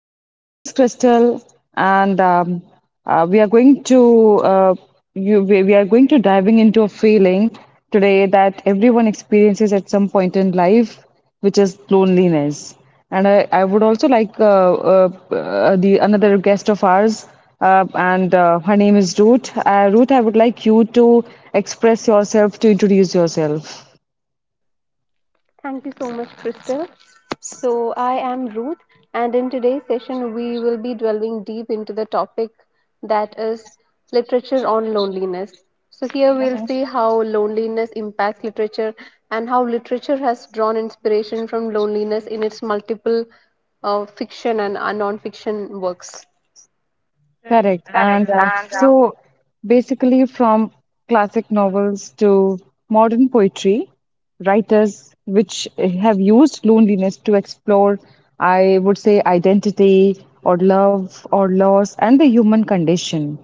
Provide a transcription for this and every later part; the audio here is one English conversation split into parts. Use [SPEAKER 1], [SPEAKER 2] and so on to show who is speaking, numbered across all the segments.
[SPEAKER 1] So, this is Crystal, and we are going to you, we are going to diving into a feeling today that everyone experiences at some point in life, which is loneliness. And I would also like the another guest of ours, and her name is Ruth. Ruth, I would like you to express yourself to introduce yourself.
[SPEAKER 2] Thank you so much, Crystal. So, I am Ruth, and in today's session, we will be delving deep into the topic that is literature on loneliness. So, here we'll see how loneliness impacts literature and how literature has drawn inspiration from loneliness in its multiple fiction and non fiction works.
[SPEAKER 1] Correct.
[SPEAKER 2] Correct.
[SPEAKER 1] And
[SPEAKER 2] And uh,
[SPEAKER 1] so basically, from classic novels to modern poetry, writers which have used loneliness to explore, I would say, identity or love or loss and the human condition.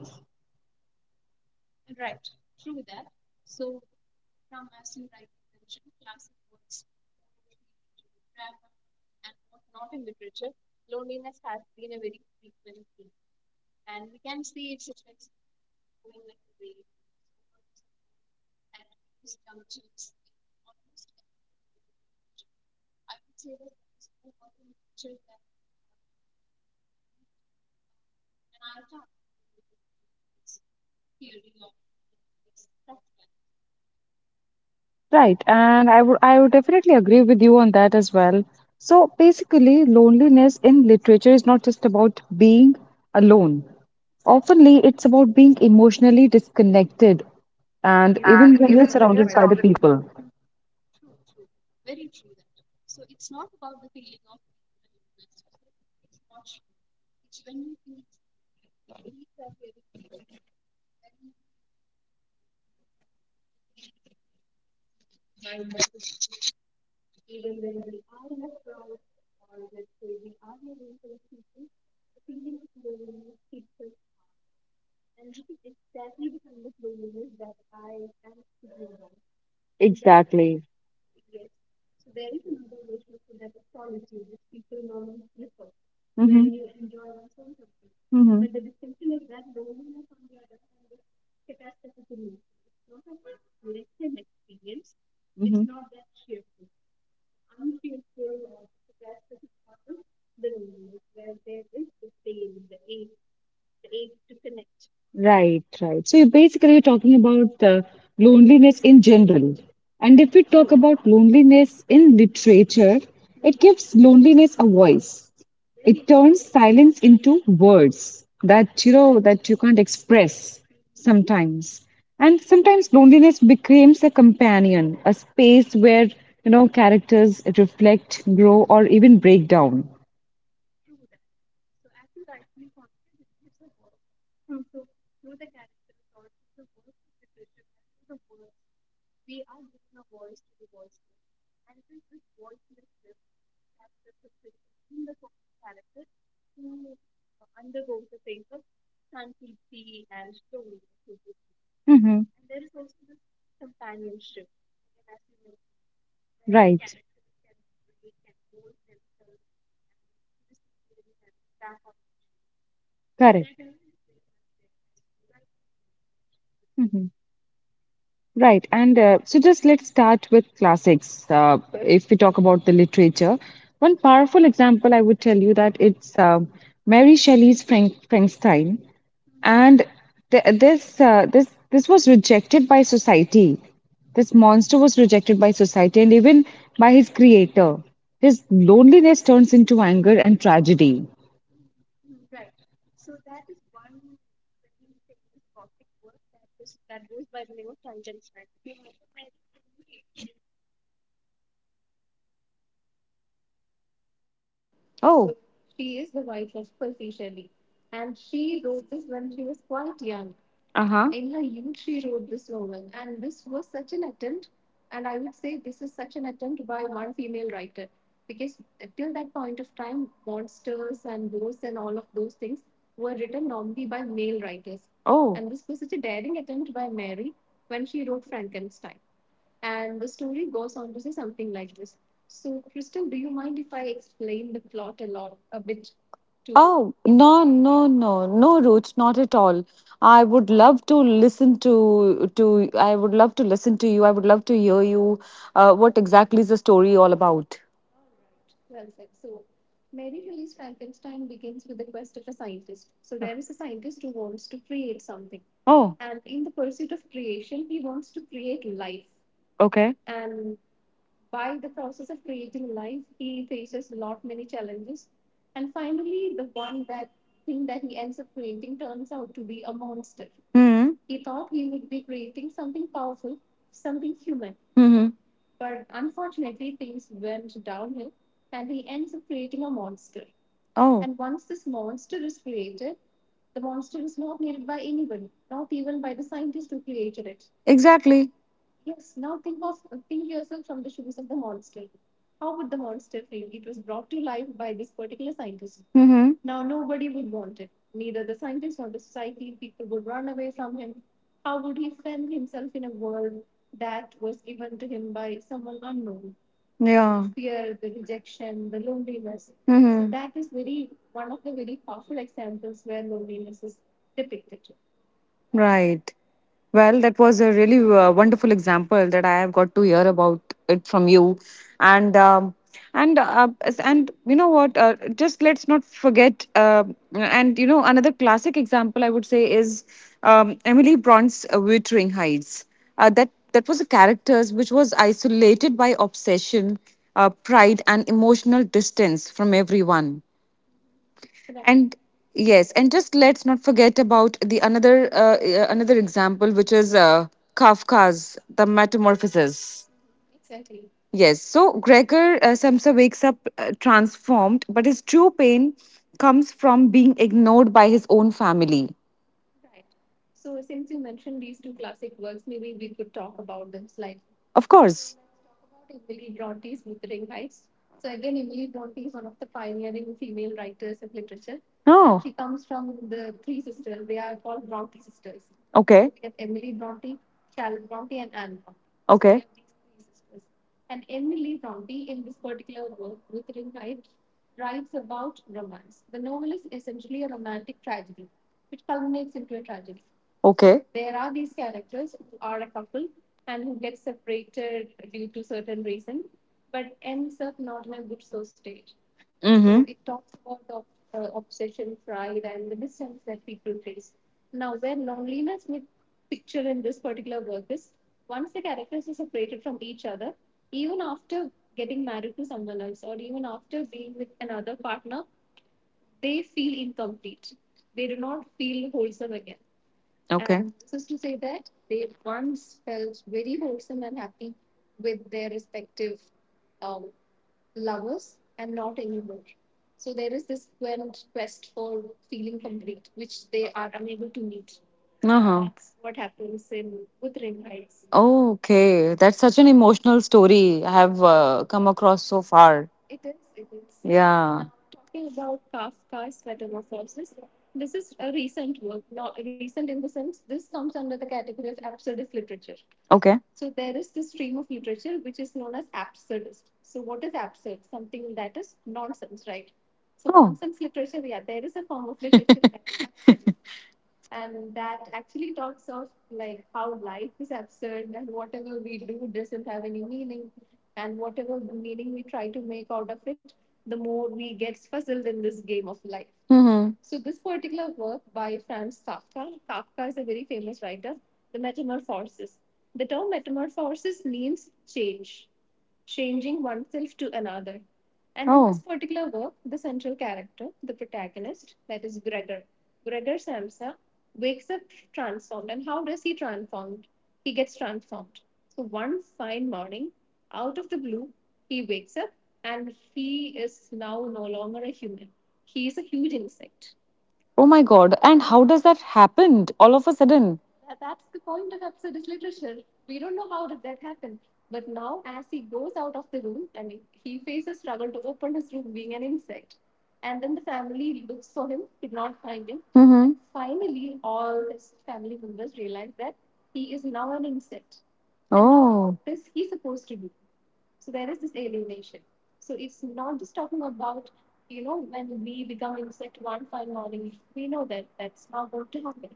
[SPEAKER 1] Right, and I would definitely agree with you on that as well. So basically, loneliness in literature is not just about being alone. Oftenly, it's about being emotionally disconnected, and even
[SPEAKER 2] and
[SPEAKER 1] when you're
[SPEAKER 2] even when you're
[SPEAKER 1] surrounded by the
[SPEAKER 2] surrounded by
[SPEAKER 1] people. Exactly. hmm hmm hmm Right, right. So you're talking about loneliness in general. And if we talk about loneliness in literature, it gives loneliness a voice. It turns silence into words that that you can't express sometimes. And sometimes loneliness becomes a companion, a space where characters reflect, grow, or even break down. Mm-hmm. Right. Correct. Mm-hmm. Right, and so just let's start with classics. If we talk about the literature, one powerful example I would tell you that it's Mary Shelley's Frankenstein, and th this this this was rejected by society. This monster was rejected by society and even by his creator. His loneliness turns into anger and tragedy. Uh huh. Oh, oh, no, no, no, no, Roots, not at all. I would love to listen to I would love to listen to you. I would love to hear you. What exactly is the story all about? Oh, okay. Hmm. Hmm. Oh, exactly. Hmm. Yeah. So hmm. Right. Well, that was a really wonderful example that I have got to hear about it from you, and and you know what? Just let's not forget. And you know, another classic example I would say is Emily Bronte's *Wuthering Heights*. That was a character which was isolated by obsession, pride, and emotional distance from everyone. Right. And yes, and just let's not forget about the another another example, which is Kafka's The Metamorphosis. Yes, so Gregor Samsa wakes up transformed, but his true pain comes from being ignored by his own family. Of course. No. Okay. Okay. Brontë, a tragedy. Okay. So uh-huh. Okay, that's such an emotional story I have come across so far. Yeah. Okay. Mm-hmm. Oh my God. And how does that happen all of a sudden? Mm-hmm. Oh,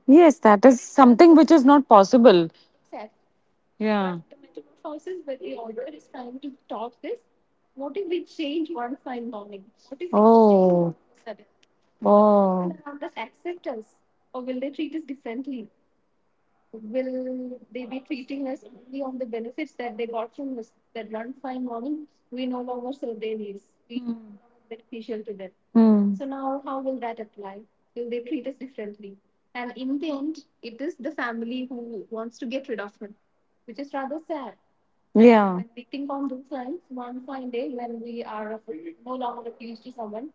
[SPEAKER 1] yes, that is something which is not possible. Yeah. Oh. Oh. Hmm. Hmm. Yeah. We think on those lines. One fine day, when we are no longer accused to someone.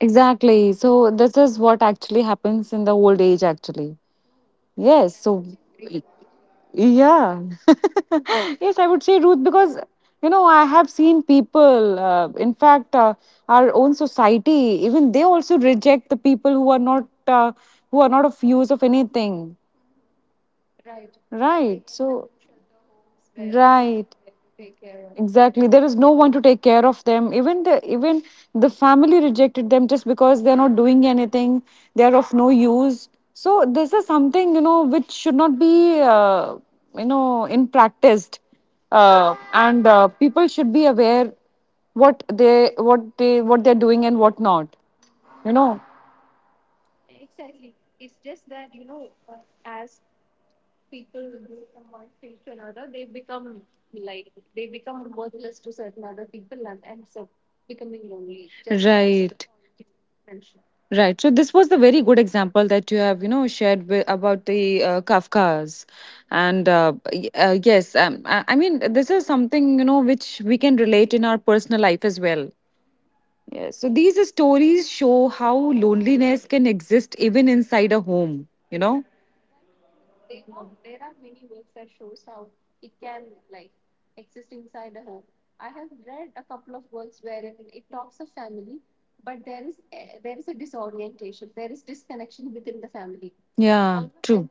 [SPEAKER 1] Exactly. So this is what actually happens in the old age actually. Yes. So yeah. Yes, I would say Ruth, because you know, I have seen people in fact our own society, even they also reject the people who are not of use of anything. Right. So, right. Exactly. There is no one to take care of them. Even the family rejected them just because they're not doing anything. They are of no use. So this is something, you know, which should not be, you know, in practiced. And People should be aware what they're doing and what not. You know. Right. Right. So this was the very good example that you have, you know, shared with, about the Kafkas, and yes, I mean, this is something, you know, which we can relate in our personal life as well. Yes. So these stories show how loneliness can exist even inside a home. You know. Yeah. Although true.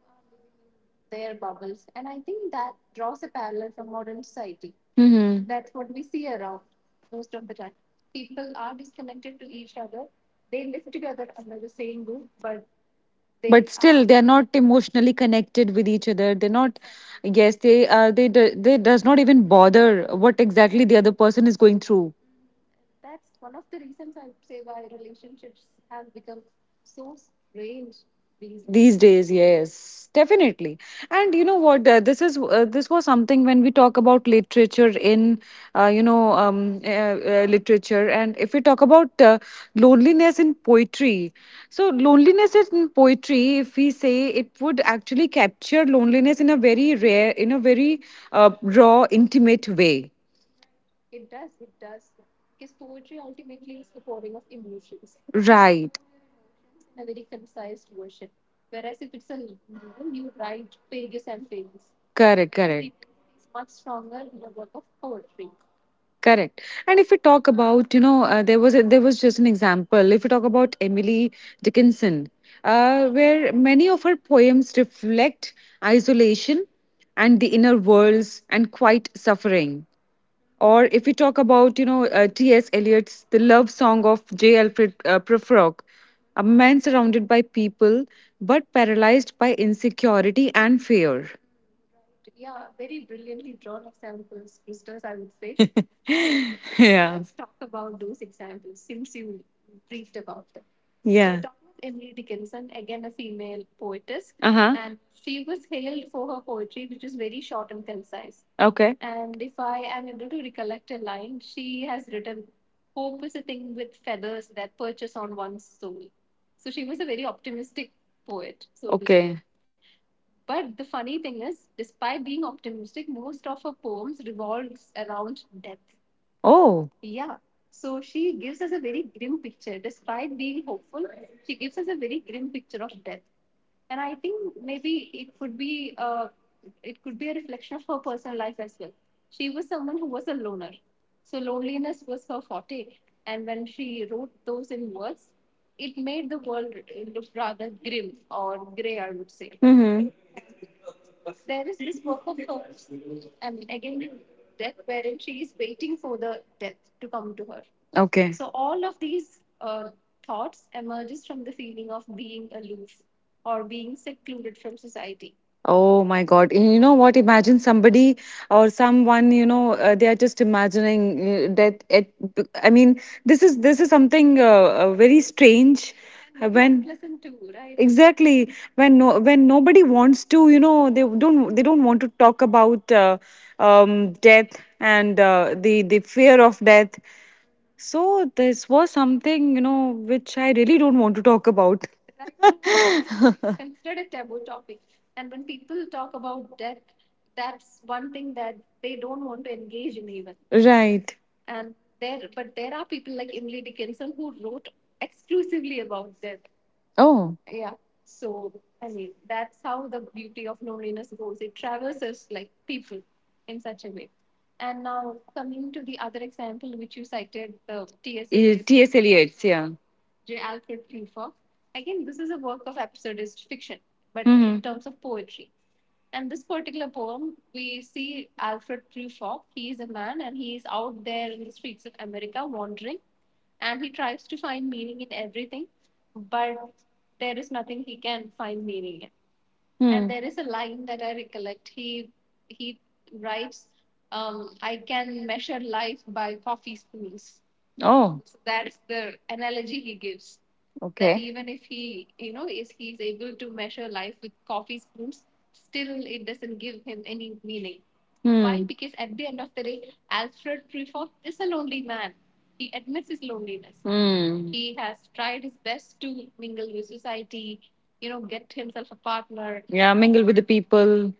[SPEAKER 1] Mm-hmm. But still, are. They are not emotionally connected with each other. They're not. Yes, they are. They do- they does not even bother what exactly the other person is going through these days. Yes, definitely. And you know what, this is this was something. When we talk about literature in literature, and if we talk about loneliness in poetry, so loneliness in poetry, if we say, it would actually capture loneliness in a very rare, in a very raw, intimate way. Right. Correct, correct. Correct. And if we talk about, you know, there was a, there was just an example. If we talk about Emily Dickinson, where many of her poems reflect isolation and the inner worlds and quiet suffering. Or if we talk about, you know, T.S. Eliot's The Love Song of J. Alfred Prufrock, a man surrounded by people but paralyzed by insecurity and fear. Yeah. So yeah. Uh huh. Okay. Oh. Mm-hmm. Okay. Oh my God. You know what? Imagine somebody or someone, you know, they are just imagining that it, I mean, this is something very strange. And when exactly when no, when nobody wants to, you know, they don't want to talk about death and the fear of death, so this was something, you know, which I really don't want to talk about. Right. Oh, T.S. Eliot's, yeah. Oh, that hmm. Yeah, mingle with the people.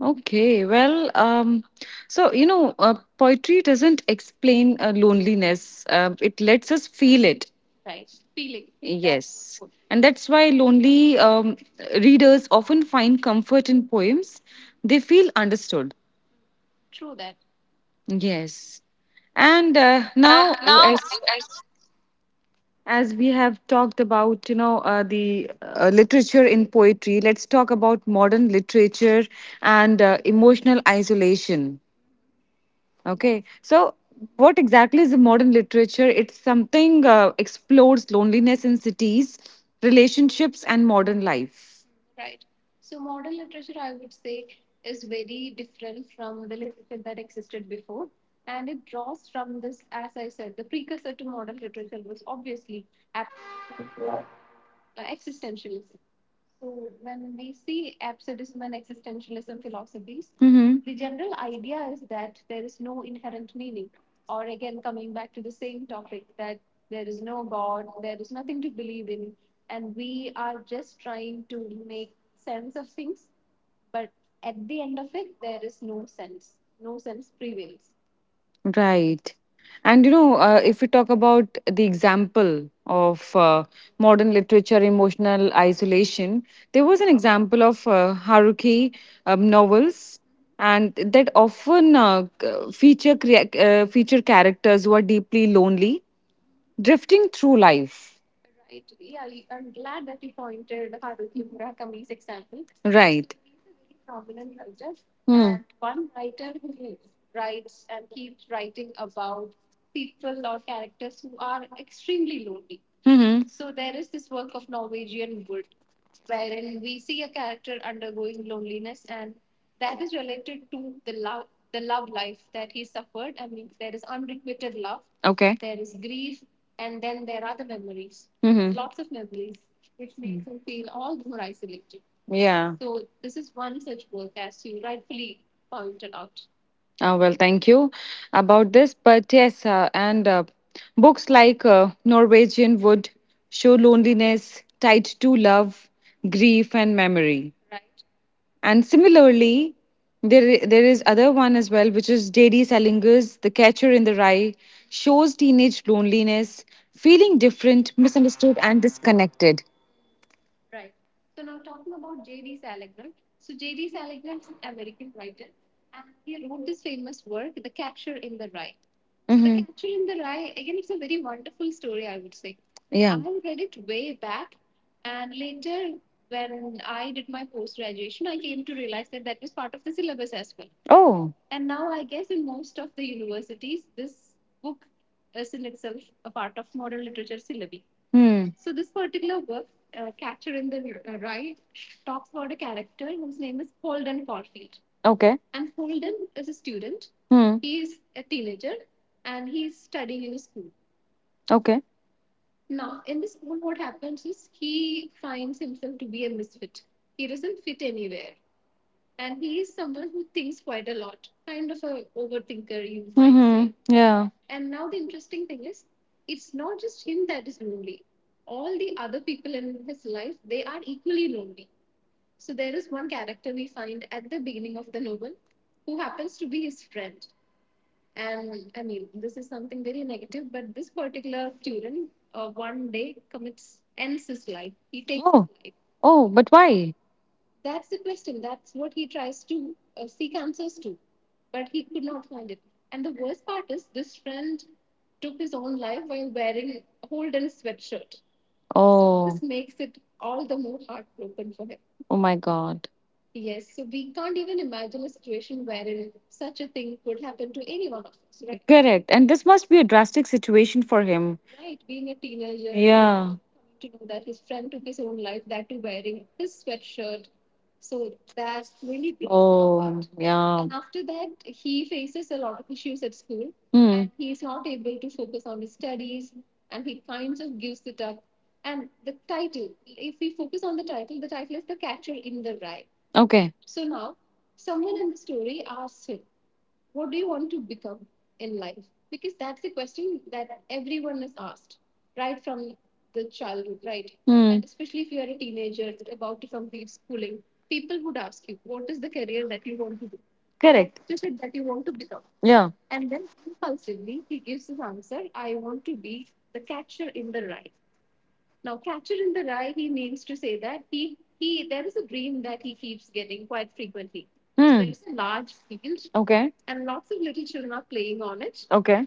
[SPEAKER 1] Okay, well, so you know, poetry doesn't explain loneliness. It lets us feel it. Right, feeling. Yes, and that's why lonely readers often find comfort in poems. They feel understood. Yes, and now as we have talked about, you know, the literature in poetry, let's talk about modern literature and emotional isolation. Okay, so what exactly is the modern literature? It's something explores loneliness in cities, relationships, and modern life. Mm-hmm. Right. And you know, if we talk about the example of modern literature, emotional isolation, there was an example of Haruki novels, and that often feature characters who are deeply lonely, drifting through life. Right. Hmm. Okay. Yeah. Well, thank you about this. But yes, and books like Norwegian Wood show loneliness tied to love, grief, and memory. And similarly, there is other one as well, which is J.D. Salinger's The Catcher in the Rye, shows teenage loneliness, feeling different, misunderstood, and disconnected. The hmm. Yeah. Oh. Hmm. Okay. Hmm. Okay. Mm-hmm. Say. Yeah. Oh, but why? So oh, oh my God. Correct. And this must be a drastic situation for him. Yeah. Hmm. Okay. Hmm. Correct. Yeah. Okay. Okay.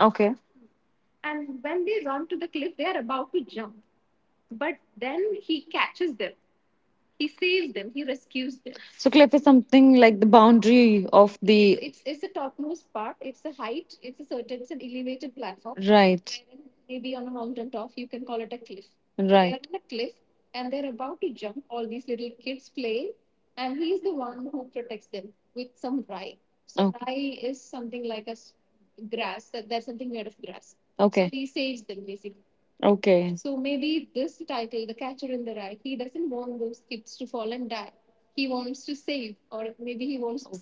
[SPEAKER 1] Okay. So cliff is something like the boundary of the. Right. They're so okay. Maybe the he to wants.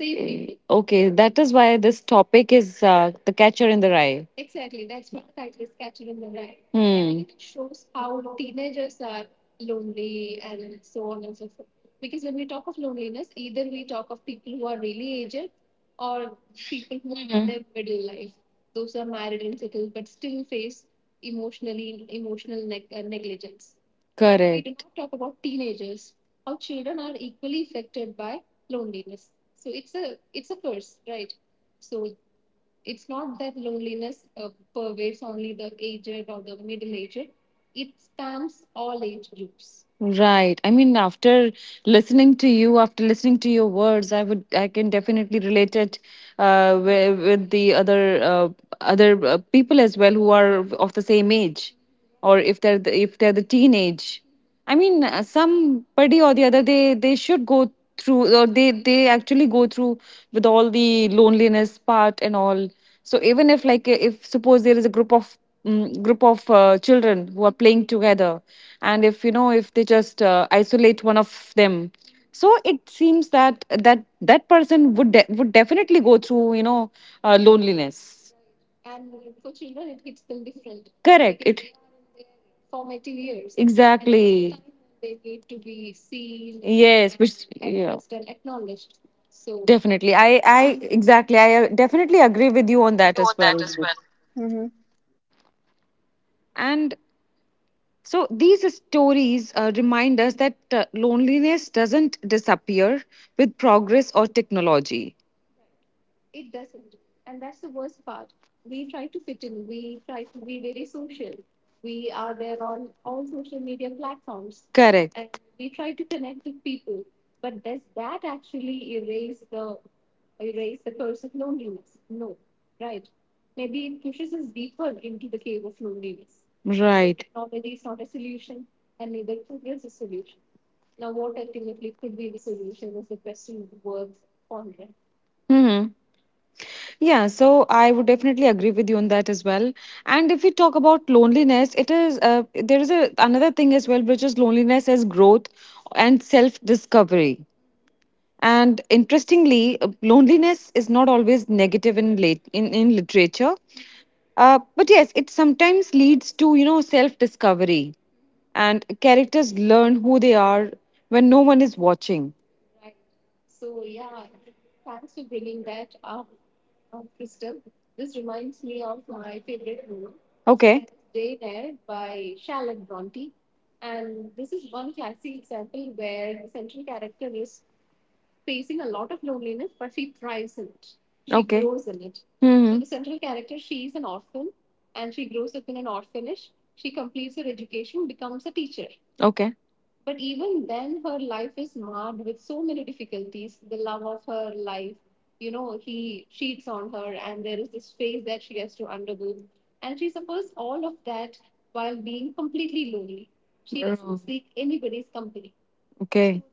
[SPEAKER 1] Okay. Okay. That is why this topic is the Catcher in the Rye. Hmm. We do correct. Right. I mean, after listening to you, after listening to your words, I would, I can definitely relate it with the other other people as well who are of the same age, or if they're the teenage. I mean, somebody or the other, they should go through, or they actually go through with all the loneliness part and all. So even if, like, if suppose there is a group of group of children who are playing together, and if you know, if they just isolate one of them, so it seems that that person would would definitely go through, you know, loneliness. Correct it. Exactly. Yes, which yeah. Definitely I exactly I definitely agree with you on
[SPEAKER 2] people
[SPEAKER 1] that
[SPEAKER 2] on
[SPEAKER 1] as
[SPEAKER 2] that
[SPEAKER 1] well.
[SPEAKER 2] as well, Mm-hmm.
[SPEAKER 1] And so these stories remind us that loneliness doesn't disappear with progress or technology. Correct. Right. Hmm. Yeah, so I would definitely agree with you on that as well. And if we talk about loneliness, it is there is a, another thing as well, which is loneliness as growth and self discovery. And interestingly, loneliness is not always negative in in literature, but yes, it sometimes leads to, you know, self discovery, and characters learn who they are when no one is watching. Okay. Brontë, is so she an okay. Okay.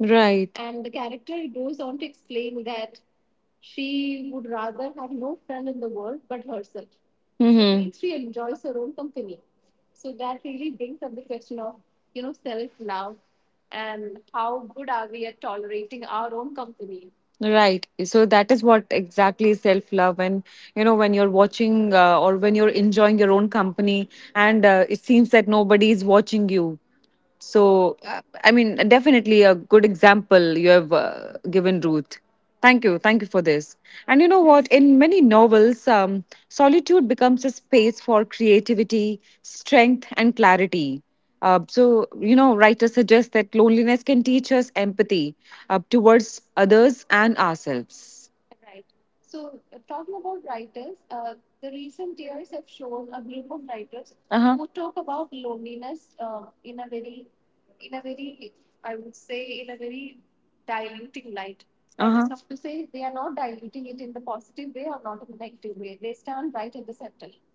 [SPEAKER 1] Right. Mm-hmm. Right. So that is what exactly self love. And, you know, when you're watching or when you're enjoying your own company, and it seems that nobody is watching you. So, I mean, definitely a good example you have given, Ruth. Thank you. Thank you for this. And you know what? In many novels, solitude becomes a space for creativity, strength, and clarity. So, you know, writers suggest that loneliness can teach us empathy towards others and ourselves. Uh-huh.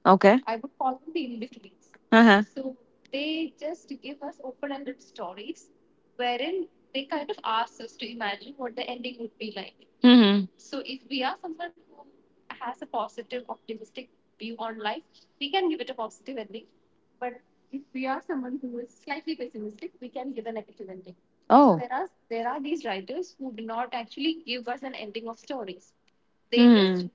[SPEAKER 1] Okay. Uh-huh. Mm-hmm. So hmm.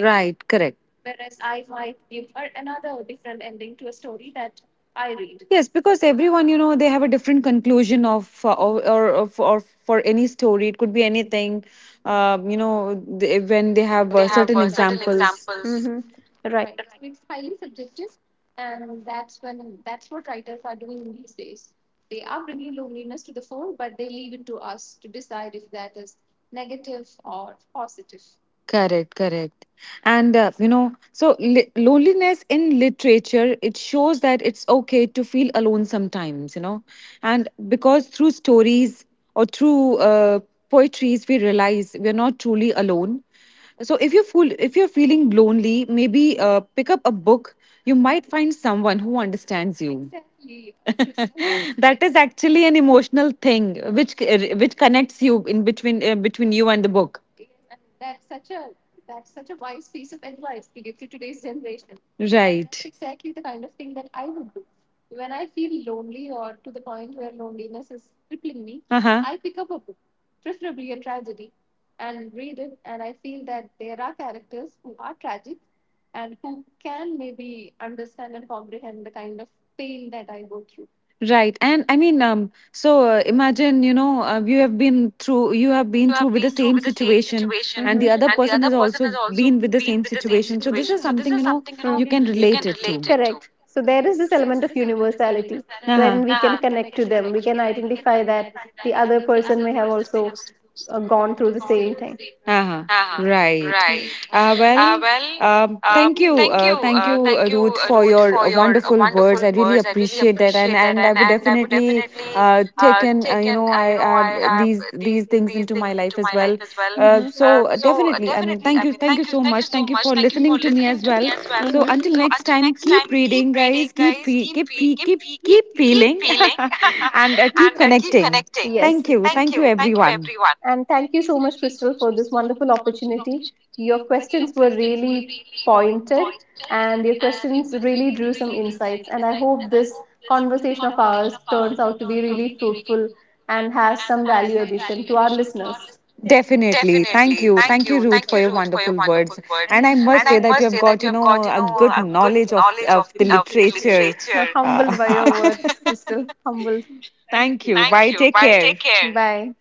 [SPEAKER 1] Right. Correct. Yes, because everyone, you know, they have a different conclusion of or, of- or for any story. It could be anything. You know, they, when they have
[SPEAKER 2] they have
[SPEAKER 1] certain
[SPEAKER 2] certain
[SPEAKER 1] examples.
[SPEAKER 2] examples. Mm-hmm. Right.
[SPEAKER 1] Correct, correct. And you know, so loneliness in literature, it shows that it's okay to feel alone sometimes, you know. And because through stories or through poetries, we realize we're not truly alone. So if you fool, if you're feeling lonely, maybe pick up a book. You might find someone who understands you. Exactly. That is actually an emotional thing which connects you in between between you and the book. Right. That's uh huh. Right. And I mean, so imagine, you know, you have been through with the same situation, and
[SPEAKER 2] Mm-hmm.
[SPEAKER 1] the other person has also been with the same situation. So this is something, you know, you can relate it
[SPEAKER 2] Mm,
[SPEAKER 1] to.
[SPEAKER 2] correct. So there is this element of universality
[SPEAKER 1] Uh-huh.
[SPEAKER 2] wherein we can connect to them. We can identify that the other person may have also gone through the same thing.
[SPEAKER 1] Uh-huh.
[SPEAKER 2] Uh-huh.
[SPEAKER 1] Right.
[SPEAKER 2] Right. Right.
[SPEAKER 1] Well,
[SPEAKER 2] Well, uh,
[SPEAKER 1] thank you.
[SPEAKER 2] thank you
[SPEAKER 1] Thank you,
[SPEAKER 2] for
[SPEAKER 1] Ruth, for your
[SPEAKER 2] your
[SPEAKER 1] wonderful
[SPEAKER 2] opinion
[SPEAKER 1] words. I really appreciate that. And I would
[SPEAKER 2] and
[SPEAKER 1] definitely take
[SPEAKER 2] uh,
[SPEAKER 1] in, you know,
[SPEAKER 2] you know I
[SPEAKER 1] these things into my life as well.
[SPEAKER 2] well hmm
[SPEAKER 1] So
[SPEAKER 2] oh
[SPEAKER 1] definitely, I
[SPEAKER 2] there's
[SPEAKER 1] mean, thank you. Thank you so much.
[SPEAKER 2] so
[SPEAKER 1] Thank you
[SPEAKER 2] much
[SPEAKER 1] for listening to me as well.
[SPEAKER 2] thanks well hmm
[SPEAKER 1] So until
[SPEAKER 2] so
[SPEAKER 1] next
[SPEAKER 2] until
[SPEAKER 1] time,
[SPEAKER 2] next time
[SPEAKER 1] keep reading, guys. Keep feeling and keep
[SPEAKER 2] and
[SPEAKER 1] connecting.
[SPEAKER 2] take. Yes.
[SPEAKER 1] Thank you. Thank you, everyone.
[SPEAKER 2] Everyone. And thank you so much, Crystal, for this wonderful opportunity. Your questions were really pointed, and your questions really drew some insights. And I hope this conversation of ours turns out to be really fruitful and has some value addition to our listeners.
[SPEAKER 1] Definitely. Thank
[SPEAKER 2] Definitely.
[SPEAKER 1] you.
[SPEAKER 2] Thank
[SPEAKER 1] Thank you, Ruth, for your wonderful words.
[SPEAKER 2] you.
[SPEAKER 1] And I must
[SPEAKER 2] And I
[SPEAKER 1] say
[SPEAKER 2] have
[SPEAKER 1] that you have got, you know,
[SPEAKER 2] got, you
[SPEAKER 1] a
[SPEAKER 2] know,
[SPEAKER 1] good
[SPEAKER 2] a
[SPEAKER 1] knowledge
[SPEAKER 2] knowledge of
[SPEAKER 1] of the literature.
[SPEAKER 2] You're
[SPEAKER 1] Uh,
[SPEAKER 2] humbled by your words, Crystal. Humbled.
[SPEAKER 1] thank you. Bye.
[SPEAKER 2] Thank you.
[SPEAKER 1] Take
[SPEAKER 2] Bye.
[SPEAKER 1] care.
[SPEAKER 2] Take care. Bye.